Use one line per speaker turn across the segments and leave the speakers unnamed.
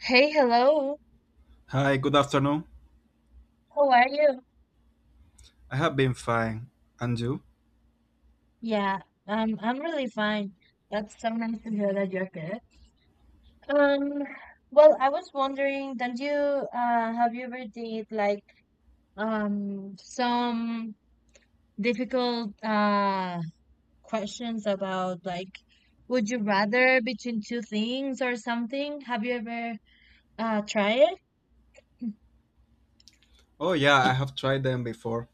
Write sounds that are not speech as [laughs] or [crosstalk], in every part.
Hey, hello.
Hi, good afternoon.
How are you?
I have been fine. And you?
Yeah, I'm really fine. That's so nice to hear that you're good. Um, well, I was wondering, don't you have you ever did like some difficult questions about like would you rather between two things or something? Have you ever tried it?
Oh yeah, I have tried them before.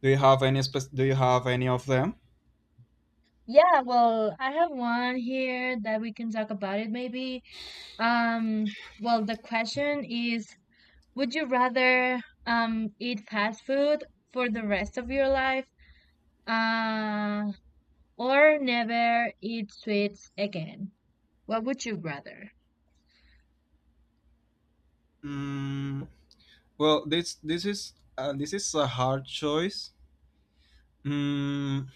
Do you have any do you have any of them?
Yeah, well, I have one here that we can talk about it maybe. Um, well, the question is, would you rather eat fast food for the rest of your life uh or never eat sweets again? What would you rather?
Mm, well, this is this is a hard choice. Mm,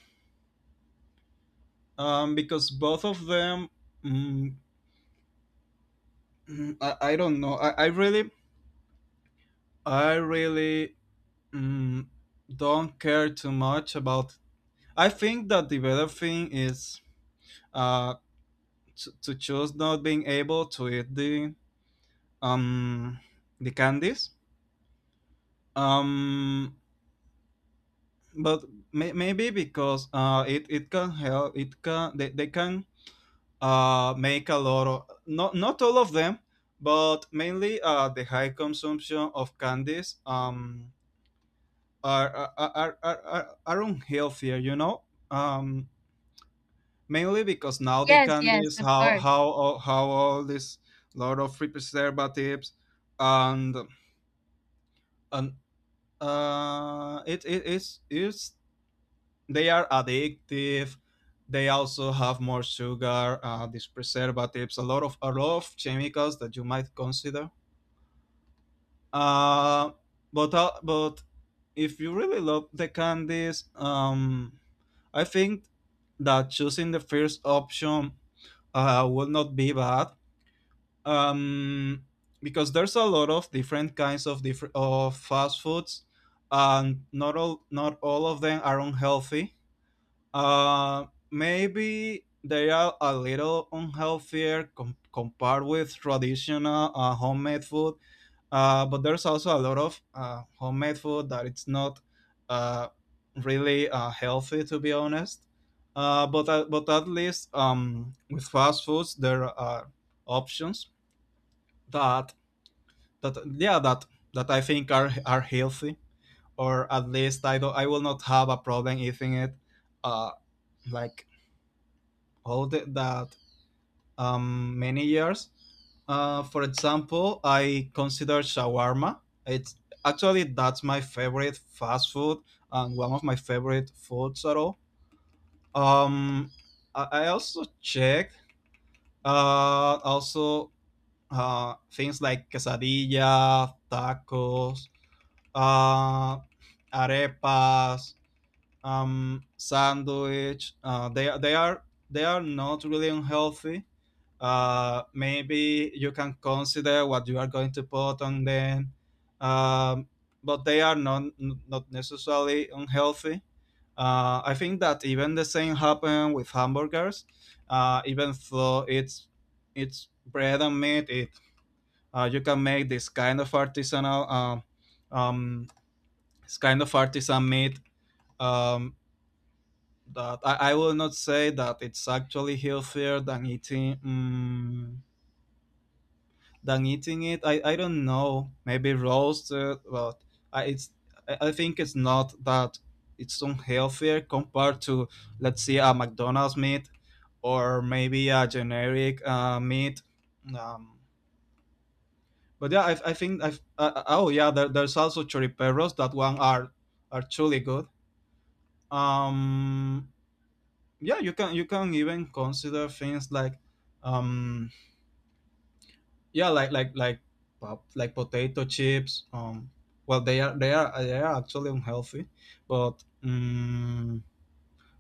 because both of them, mm, I don't know. I really I really mm, don't care too much about. I think that the better thing is uh to choose not being able to eat the um the candies, um but maybe because it it can help, it can they can make a lot of, not not all of them, but mainly the high consumption of candies are unhealthier. um Mainly because now the
Yes, yes,
candies,
of
how
course.
how how all this lot of free preservatives, and and it's it's, they are addictive, they also have more sugar, these preservatives, a lot of chemicals that you might consider. uh but if you really love the candies, I think that choosing the first option will not be bad, um, because there's a lot of different kinds of different of fast foods, and not all, not all of them are unhealthy. Uh, Maybe they are a little unhealthier compared with traditional homemade food. But there's also a lot of homemade food that it's not uh, really healthy, to be honest. But at least, with fast foods there are options that , yeah, that I think are healthy, or at least I don't, I will not have a problem eating it, uh like all the, that many years. For example, I consider shawarma, it's actually, that's my favorite fast food and one of my favorite foods at all. um I also checked, also things like quesadilla, tacos, uh, arepas, sandwich. They are, they are not really unhealthy. Maybe you can consider what you are going to put on them, um, but they are not, not necessarily unhealthy. I think that even the same happened with hamburgers. Even though it's bread and meat, it, you can make this kind of artisanal, um, it's kind of artisan meat, um, that I will not say that it's actually healthier than eating, than eating it. I don't know, maybe roasted, but I, it's, I think it's not that, it's unhealthier compared to, let's say, a McDonald's meat, or maybe a generic meat. Um, but yeah, I think oh yeah, there's also choriperos, that one are truly good. Um, yeah, you can even consider things like, um yeah like like like potato chips. They are, they are, they are actually unhealthy, but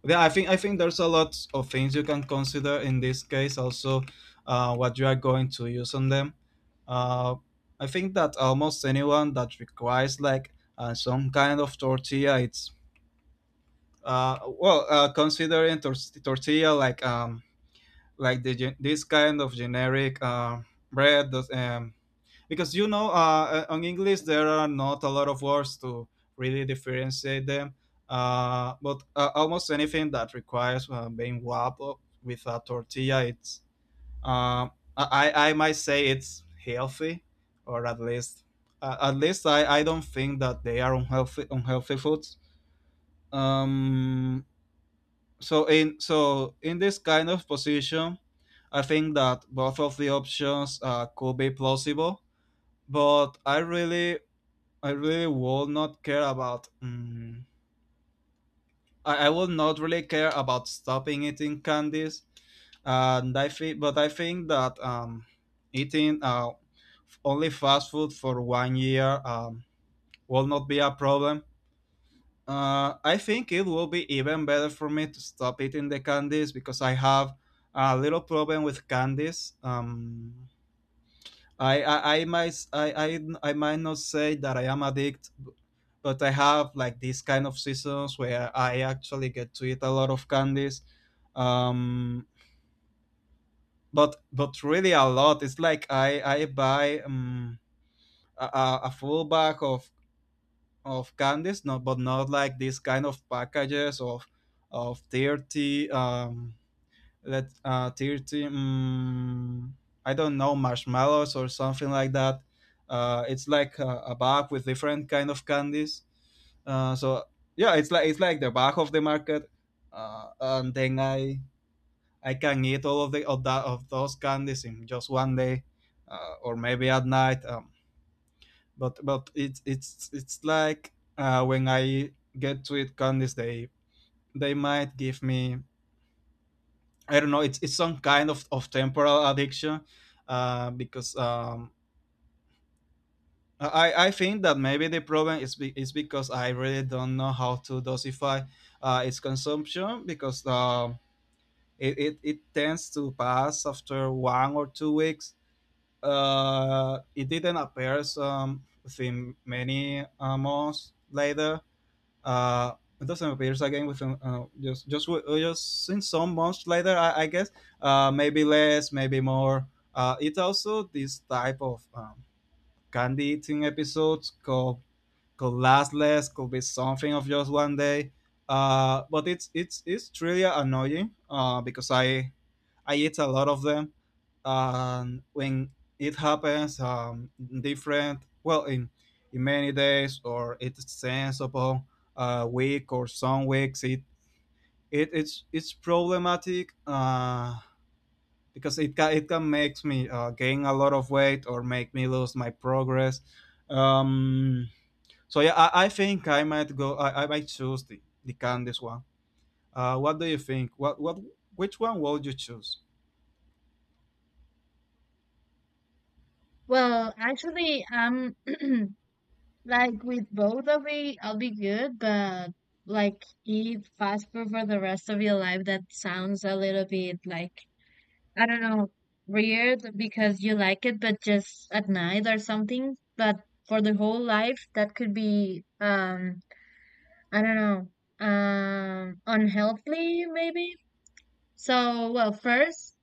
yeah, I think there's a lot of things you can consider in this case also, what you are going to use on them. uh I think that almost anyone that requires like some kind of tortilla, it's considering tortilla like, this kind of generic bread does, because you know, on english there are not a lot of words to really differentiate them. But Almost anything that requires being wrapped up with a tortilla, it's uh, I might say it's healthy, or at least, at least I don't think that they are unhealthy foods. um so in this kind of position, I think that both of the options could be plausible, but I really will not care about, I will not really care about stopping eating candies. And i think but i think that eating only fast food for 1 year, will not be a problem. I think it will be even better for me to stop eating the candies because I have a little problem with candies. I might s- I might not say that I am addict, but I have like these kind of seasons where I actually get to eat a lot of candies. Um, but really a lot. It's like I buy, a full bag of candies, not, but not like these kind of packages of 30, let 30, I don't know, marshmallows or something like that. It's like a bag with different kind of candies. So yeah, it's like, it's like the back of the market, and then I can eat all of, the of that, of those candies in just 1 day, or maybe at night. But it's, it's like, when I get to it, Candice, they might give me, I don't know, it's some kind of temporal addiction, because I think that maybe the problem is be, is because I really don't know how to dosify its consumption because, it, it, it tends to pass after 1 or 2 weeks. It didn't appear, within many months later. uh it doesn't appear again within just in some months later, I guess. Maybe less, maybe more. It also, this type of, candy eating episodes called, could last less, could be something of just 1 day. But it's, it's really annoying, because I eat a lot of them. And when it happens, different, well in many days, or it extends upon a week or some weeks, it it's problematic. Because it can make me, gain a lot of weight or make me lose my progress. Um, so yeah, I think I might go. I might choose the Candice one. What do you think? What which one would you choose?
Well, actually, [clears throat] like with both I'll be good, but like eat fast food for the rest of your life, that sounds a little bit like, I don't know, weird because you like it, but just at night or something. But for the whole life, that could be, I don't know, unhealthy maybe. So, well, first,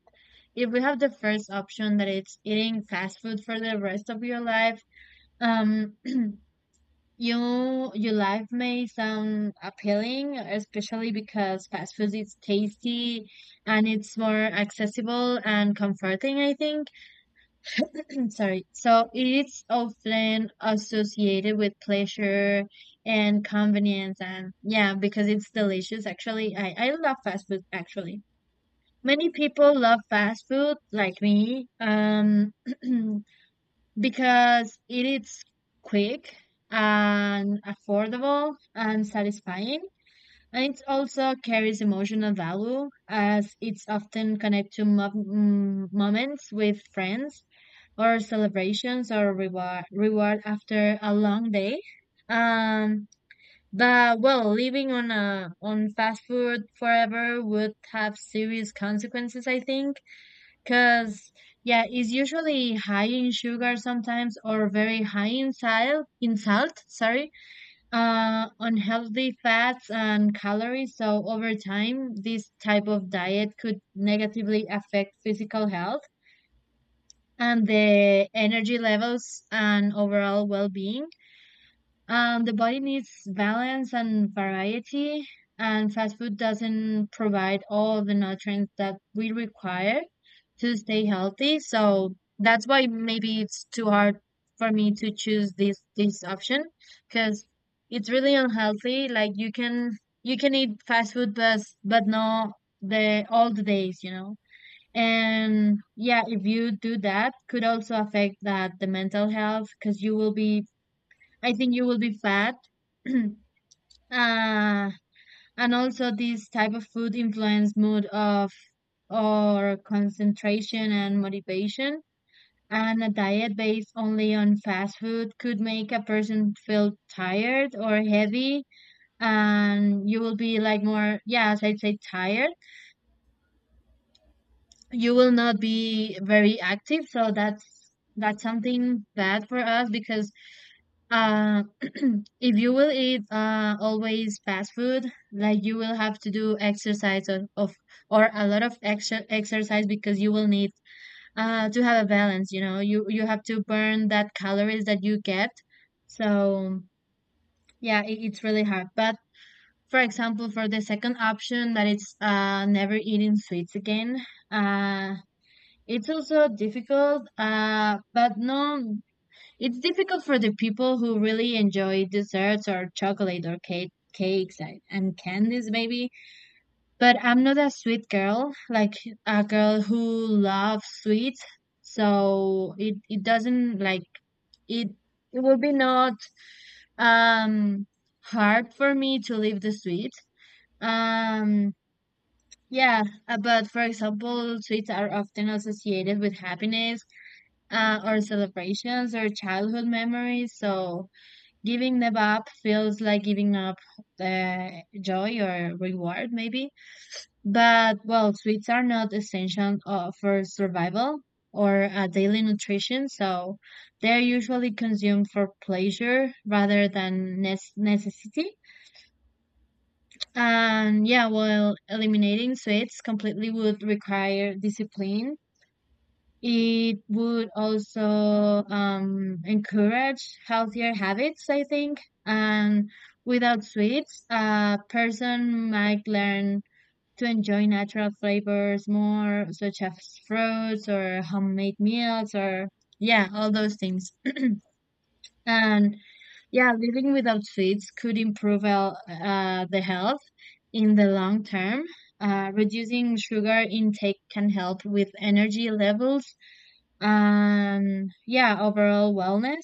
if we have the first option that it's eating fast food for the rest of your life, um, [clears throat] your life may sound appealing, especially because fast food is tasty and it's more accessible and comforting, I think. [clears throat] Sorry. So it's often associated with pleasure and convenience, and yeah, because it's delicious actually. I love fast food actually. Many people love fast food like me, [clears throat] because it is quick and affordable and satisfying. And it also carries emotional value as it's often connected to moments with friends or celebrations or reward after a long day. Um, but well, living on a on fast food forever would have serious consequences, I think, because yeah, it's usually high in sugar sometimes or very high in salt, unhealthy fats and calories. So over time, this type of diet could negatively affect physical health and the energy levels and overall well-being. The body needs balance and variety, and fast food doesn't provide all the nutrients that we require to stay healthy. So that's why maybe it's too hard for me to choose this option because it's really unhealthy. Like you can, you can eat fast food, but no the all the days, you know. And yeah, if you do that, could also affect that the mental health because you will be, I think you will be fat. [clears throat] uh, and also this type of food influence mood of or concentration and motivation. And a diet based only on fast food could make a person feel tired or heavy, and you will be like more, yeah, as I say, tired, you will not be very active, so that's something bad for us because uh [clears throat] if you will eat always fast food, like you will have to do exercise of or a lot of extra exercise because you will need to have a balance, you know, you have to burn that calories that you get. So yeah, it, it's really hard. But for example, for the second option that it's never eating sweets again, uh it's also difficult, but no, it's difficult for the people who really enjoy desserts or chocolate or cakes and candies, maybe. But I'm not a sweet girl, like a girl who loves sweets. So it doesn't like, it, it would be not um, hard for me to leave the sweets. Um, yeah, but for example, sweets are often associated with happiness or celebrations or childhood memories. So giving them up feels like giving up uh, joy or reward, maybe. But well, sweets are not essential for survival or daily nutrition, so they're usually consumed for pleasure rather than necessity. And yeah, while eliminating sweets completely would require discipline, it would also encourage healthier habits, I think. And without sweets, a person might learn to enjoy natural flavors more, such as fruits or homemade meals, or yeah, all those things. And yeah, living without sweets could improve the health in the long term. Reducing sugar intake can help with energy levels and yeah, overall wellness.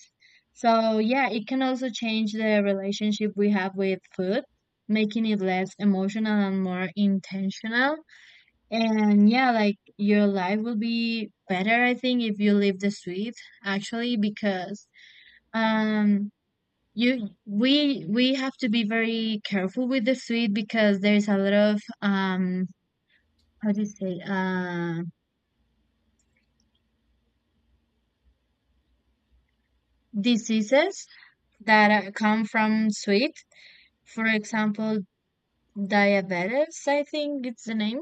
So yeah, it can also change the relationship we have with food, making it less emotional and more intentional. And yeah, like your life will be better, I think, if you leave the sweet actually, because um you we have to be very careful with the sweet because there's a lot of how do you say, diseases that come from sweet. For example, diabetes, I think it's the name.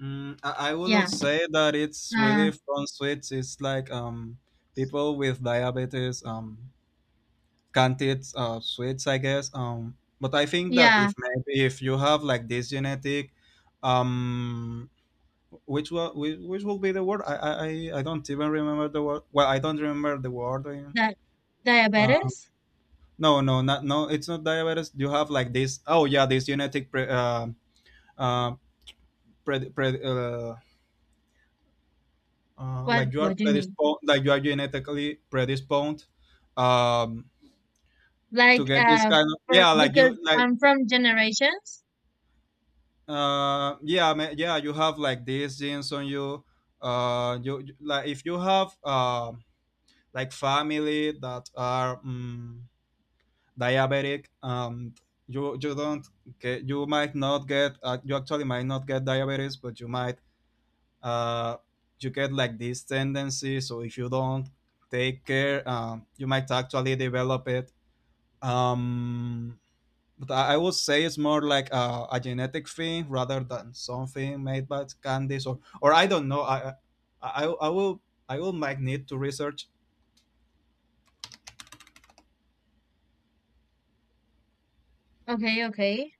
I will
Yeah.
not say that it's
Uh,
relief from sweets. It's like, people with diabetes, can't eat sweets, I guess. But I think that
yeah,
if, maybe if you have like this genetic, um, which will, which will be the word? I don't even remember the word. Well, I don't remember the word.
that
uh,
diabetes.
No, no, not no. It's not diabetes. You have like this. Oh yeah, this genetic pre, uh, pre, pre
What
like you are
what do you mean?
predisposed, like you are genetically predisposed, um, to
Like
get this
uh,
kind of,
for
yeah, like you
because
like,
I'm from generations.
yeah, yeah. You have like these genes on you. You like if you have like family that are, diabetic, you you don't get, you might not get, you actually might not get diabetes, but you might uh, you get like this tendency. So if you don't take care, you might actually develop it. Um, but I would say it's more like a genetic thing rather than something made by candies or I don't know. I will, I will might need to research.
Okay, okay.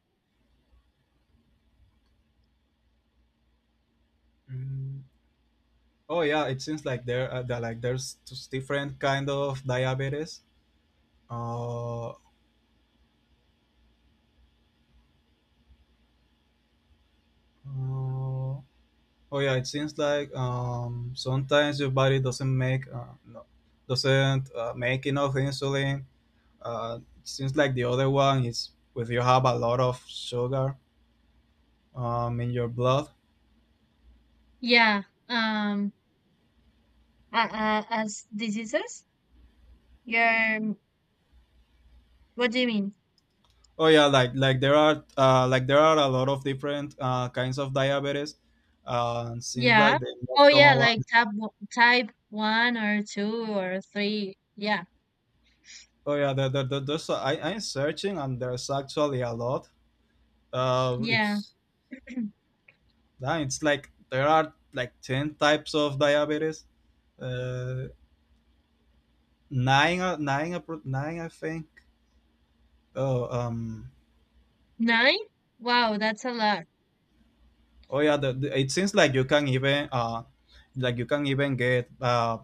Mm, Oh yeah, it seems like there that like there's just different kind of diabetes. Uh, uh, Oh yeah, it seems like, sometimes your body doesn't make no, doesn't make enough insulin. It seems like the other one is if you have a lot of sugar, in your blood.
Yeah. Um as diseases? Yeah. What do you mean?
Oh yeah, like there are a lot of different kinds of diabetes. Seems
Yeah.
like the
Oh
most
yeah,
common
like
one.
type 1 or 2 or 3. Yeah.
Oh yeah, there's a, I'm searching and there's actually a lot.
Yeah.
It's, yeah, it's like there are like 10 types of diabetes. Uh, Nine, nine, nine, I think. Oh,
9? Wow, that's a lot.
oh yeah. It seems like you can even, like you can even get,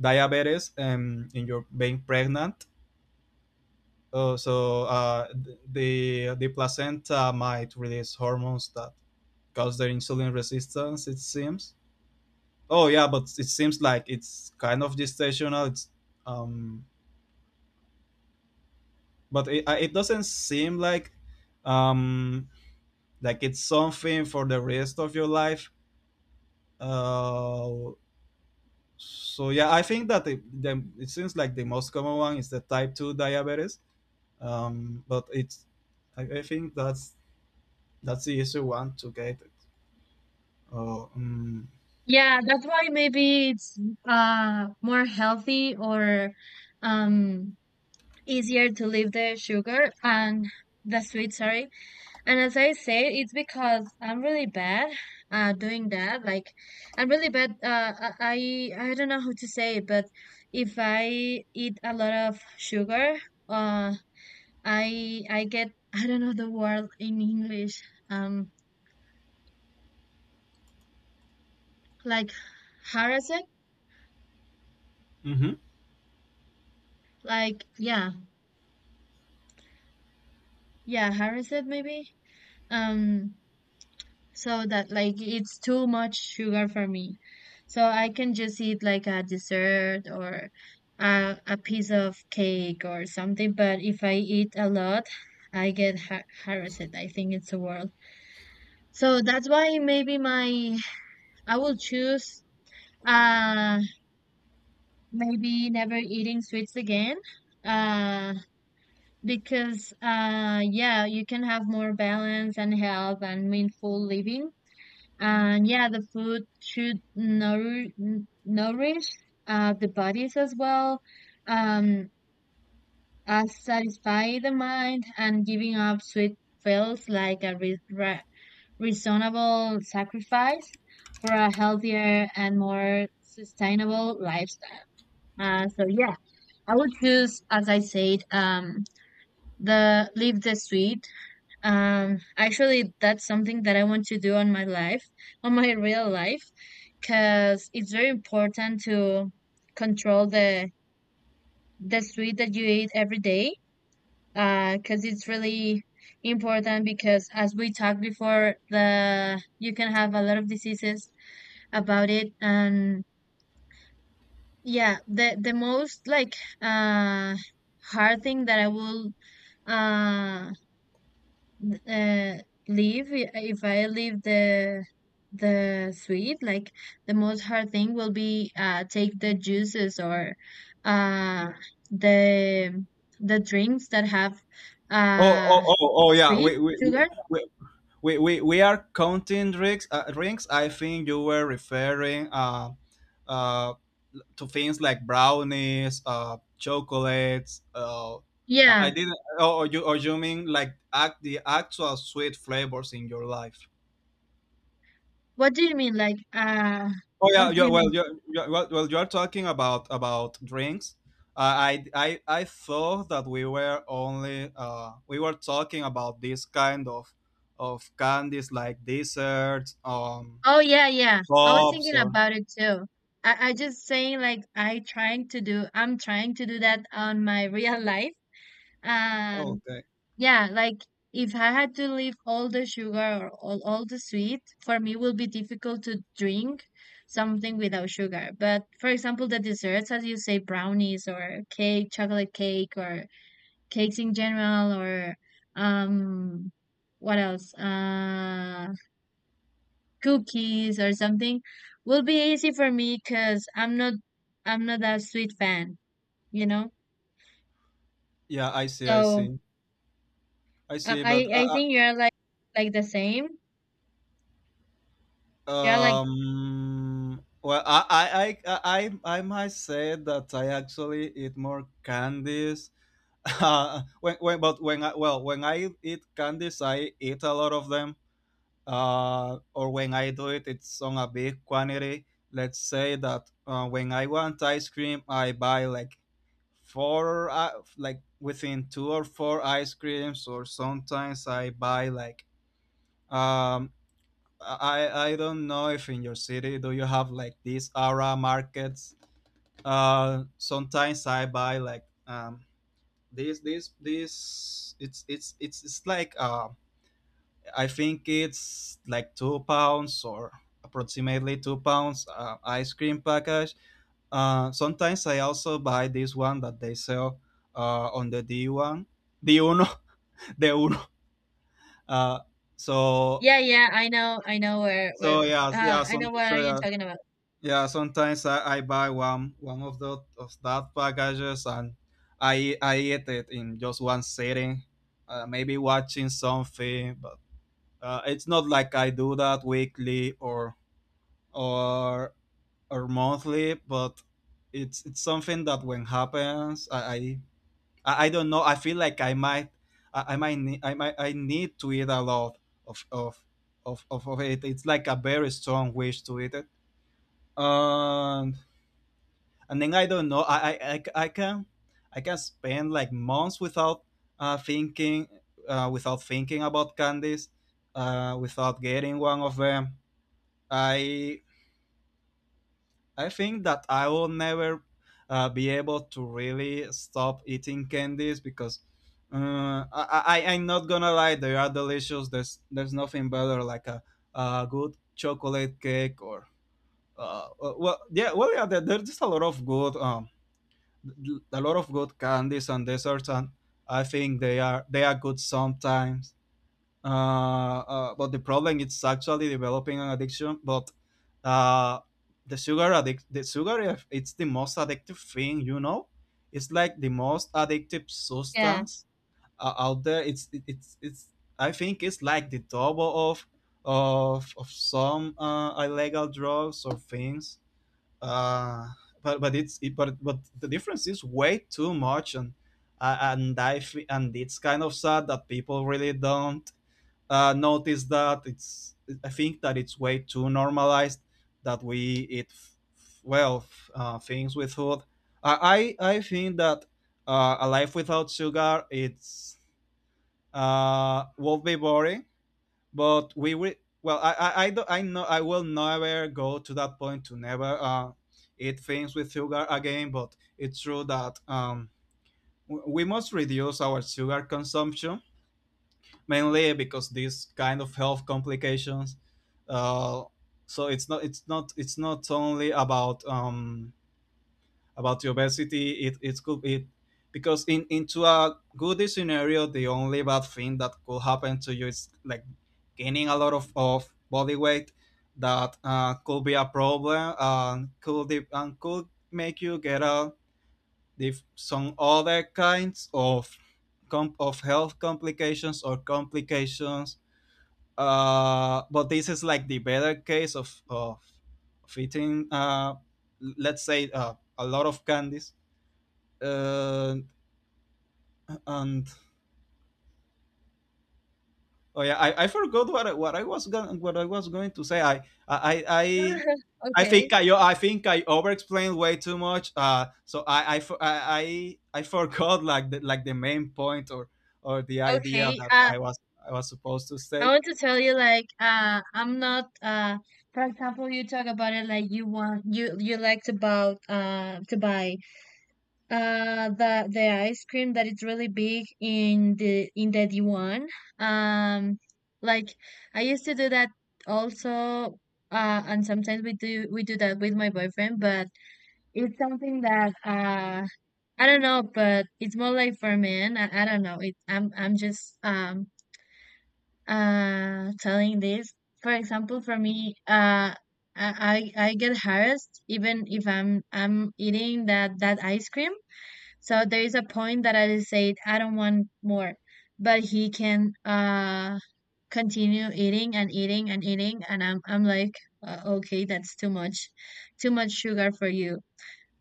diabetes, in your being pregnant. Oh, so the placenta might release hormones that cause the insulin resistance. It seems. Oh yeah, but it seems like it's kind of gestational. It's, um, but it, it doesn't seem like, um like it's something for the rest of your life, uh, so yeah, I think that it, the, it seems like the most common one is the type 2 diabetes, but it's, I think that's the easy one to get it. oh mm,
Yeah, that's why maybe it's more healthy or um easier to leave the sugar and the sweet, sorry. And as I said, it's because I'm really bad doing that. Like I'm really bad I don't know how to say it, but if I eat a lot of sugar, uh I get, I don't know the word in English. Um like harassed,
mhm.
like yeah, yeah, harassed maybe. Um so that like it's too much sugar for me, so I can just eat like a dessert or a piece of cake or something, but if I eat a lot I get harassed, I think it's the word. So that's why maybe my, I will choose uh maybe never eating sweets again, uh because yeah, you can have more balance and health and meaningful living. And yeah, the food should nourish, nourish the bodies as well, um, as satisfy the mind, and giving up sweet feels like a reasonable sacrifice for a healthier and more sustainable lifestyle. So yeah, I would choose, as I said, the leave the sweet, actually, that's something that I want to do on my life, [laughs] on my real life, because it's very important to control the sweet that you eat every day. Because it's really important because as we talked before, the you can have a lot of diseases about it, and yeah, the most like uh hard thing that I will uh uh, leave, if I leave the sweet, like the most hard thing will be take the juices or uh the the drinks that have
Oh, oh
uh
oh oh yeah,
sweet sugar.
we are counting drinks, rings. I think you were referring, uh, to things like brownies, chocolates.
Yeah.
I didn't. Or you mean like act, the actual sweet flavors in your life?
What do you mean? Like uh,
Oh
[laughs]
yeah,
what do
yeah.
you mean?
Well, you are talking about drinks. I thought that we were only we were talking about this kind of candies like desserts,
Oh yeah, yeah. I was
pops,
thinking
or
about it too. I just saying like I trying to do, I'm trying to do that on my [laughs] real life,
oh,
and
okay.
yeah, like if I had to leave all the sugar or all the sweet, for me will be difficult to drink something without sugar. But for example, the desserts, as you say, brownies or cake, chocolate cake or cakes in general, or um what else? Uh, cookies or something will be easy for me because 'cause I'm not that sweet fan, you know?
Yeah, I see, I
So
see, I
I
see.
I
But
I
I,
think you're like the same. You're like,
Um. Well, I might say that I actually eat more candies. [laughs] When but when I well when I eat candies, I eat a lot of them. Or when I do it, it's on a big quantity. Let's say that when I want ice cream, I buy like four, like within two or four ice creams, or sometimes I buy like um I don't know if in your city do you have like these Ara markets. Sometimes I buy like this this this it's like I think it's like 2 pounds or approximately 2 pounds ice cream package. Sometimes I also buy this one that they sell on the D one D uno. [laughs] D uno. Uh, so
yeah, yeah, I know where,
so yeah yeah
I know
some
what are
so
you
yeah,
talking about.
Yeah, sometimes I buy one of the of that packages and I eat it in just one sitting, maybe watching something. But it's not like I do that weekly or or monthly. But it's something that when happens, I don't know. I feel like I might need, I need to eat a lot of of of it. It's like a very strong wish to eat it and and then I don't know. I can spend like months without thinking without thinking about candies, without getting one of them. I I think that I will never be able to really stop eating candies because I I'm not gonna lie, they are delicious. There's nothing better like a good chocolate cake or there, there's just a lot of good a lot of good candies and desserts, and I think they are good sometimes. But the problem is actually developing an addiction. But uh, the sugar addict the sugar if- it's the most addictive thing, you know. It's like the most addictive
Yeah.
substance out there. It's it- it's I think it's like the double of some illegal drugs or things. Uh, but it's it, But the difference is way too much, and and it's kind of sad that people really don't notice that. It's I think that it's way too normalized that we eat f- f- well f- things with food. I think that a life without sugar it's will be boring but we will. Well, I know I will never go to that point to never eat things with sugar again. But it's true that we must reduce our sugar consumption mainly because these kind of health complications. Uh, so it's not only about the obesity. It could it Because in into a good scenario, the only bad thing that could happen to you is like gaining a lot of body weight that could be a problem and could and could make you get a some other kinds of of health complications or complications. But this is like the better case of eating, let's say, a lot of candies. Uh, and oh yeah, I forgot what I was going what I was going to say. I I I
[laughs]
I
Okay.
think I think I overexplained way too much. So I fo- I forgot like the main point or the idea
Okay.
that
Uh,
I was supposed to
I
state.
want to tell you like uh, I'm not uh, for example you talk about it like you want, you liked about to buy the ice cream that is really big in the D1. Um like I used to do that also, and sometimes we do that with my boyfriend, but it's something that I don't know, but it's more like for men. I don't know. It, I'm just telling this. For example, for me, I, I get harassed even if I'm eating that ice cream. So there is a point that I just said I don't want more, but he can continue eating and eating and eating, and I'm like okay, that's too much sugar for you.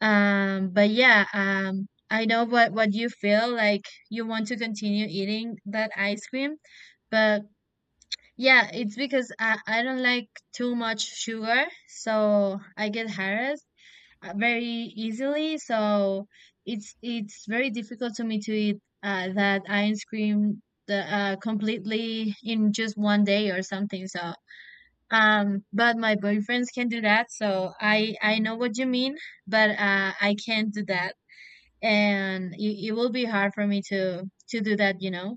But yeah, I know what you feel, like you want to continue eating that ice cream, but yeah, it's because I don't like too much sugar, so I get harassed very easily. So it's very difficult to me to eat that ice cream the completely in just 1 day or something. So but my boyfriends can do that, so I know what you mean, but I can't do that, and it will be hard for me to do that, you know.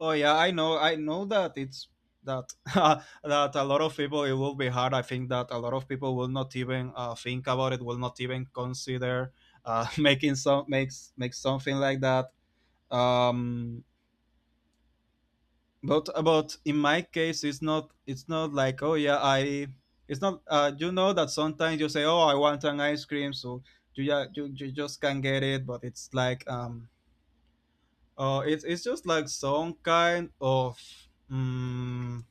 Oh yeah, I know that it's that [laughs] that a lot of people it will be hard. I think that a lot of people will not even think about it. Will not even consider [laughs] making some makes make something like that. Um, but about in my case it's not like oh yeah I it's not you know that sometimes you say oh I want an ice cream so you yeah you just can't get it but it's like um oh it's just like some kind of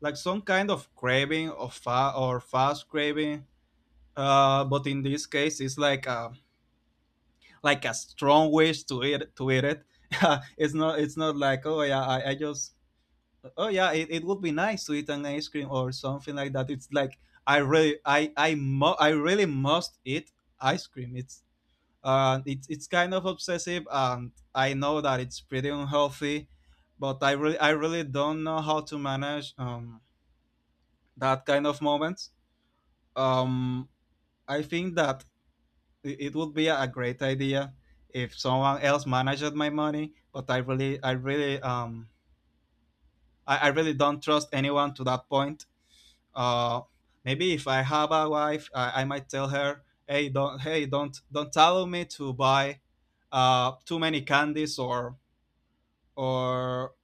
like some kind of craving of fa- or fast craving but in this case it's like a strong wish to eat it. [laughs] It's not it's not like oh yeah I just oh yeah, it would be nice to eat an ice cream or something like that. It's like I really I really must eat ice cream. It's kind of obsessive and I know that it's pretty unhealthy, but I really don't know how to manage that kind of moments. Um, I think that it would be a great idea if someone else managed my money, but I really I really don't trust anyone to that point. Uh, maybe if I have a wife, I might tell her, "Hey, don't, don't tell me to buy too many candies or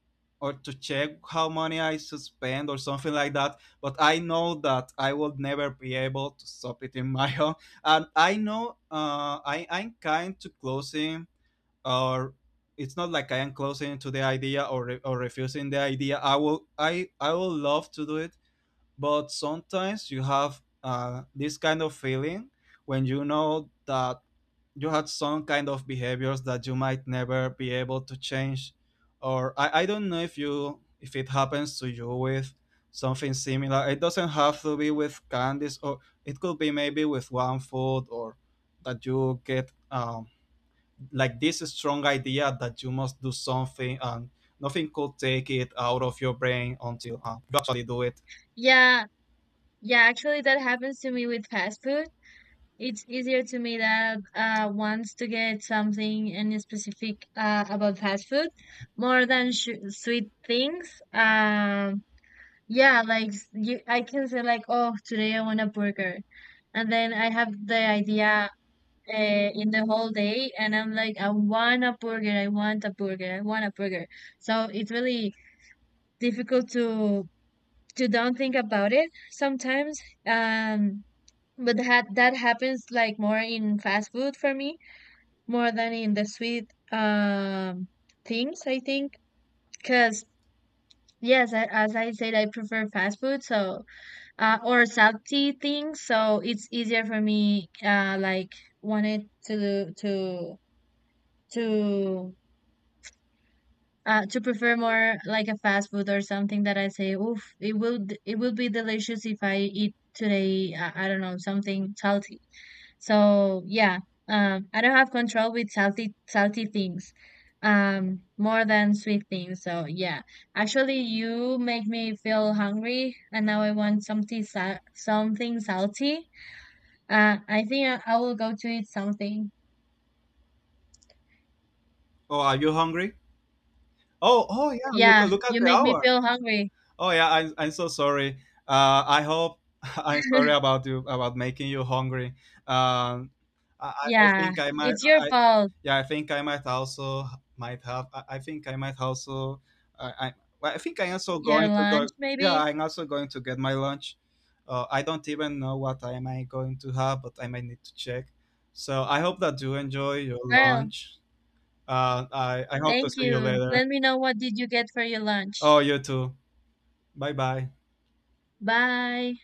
or to check how money I should spend or something like that." But I know that I will never be able to stop it in my [laughs] own, and I know I'm kind to closing or it's not like I am closing to the idea or, refusing the idea. I will love to do it, but sometimes you have this kind of feeling when you know that you had some kind of behaviors that you might never be able to change or I don't know if you if it happens to you with something similar it doesn't have to be with candies or it could be maybe with one food or that you get like this strong idea that you must do something and nothing could take it out of your brain until you actually do it.
Yeah, yeah, actually that happens to me with fast food. It's easier to me that uh, wants to get something in specific uh, about fast food more than sweet things. Yeah, like you, I can say like, oh, today I want a burger, and then I have the idea in the whole day, and I'm like, I want a burger, I want a burger, I want a burger. So it's really difficult to don't think about it sometimes. Um, but that that happens like more in fast food for me more than in the sweet um things. I think because yes, I, as I said, I prefer fast food, so or salty things. So it's easier for me. Like wanted to to uh, to prefer more like a fast food or something that I say, oof, it will it will be delicious if I eat today. I don't know, something salty. So yeah, I don't have control with salty things, more than sweet things. So yeah, actually, you make me feel hungry, and now I want something sa something salty. I think I will go to eat something.
Oh, are you hungry? Oh, oh yeah. Look,
Yeah,
look at
you
the
make me
hour.
feel hungry.
Oh yeah. I'm so sorry. I hope [laughs] I'm sorry about you about making you hungry. Um, I
Yeah,
think I might.
it's your
I
fault.
yeah. I think I might also might have. I think I might also. I Well, I think I also
Your
going to go.
lunch,
Yeah,
maybe?
I'm also going to get my lunch. I don't even know what I going to have, but I might need to check. So I hope that you enjoy your
Girl,
lunch. I hope to
thank
see you
you.
later.
Let me know what did you get for your lunch.
Oh, you too. Bye bye.
Bye.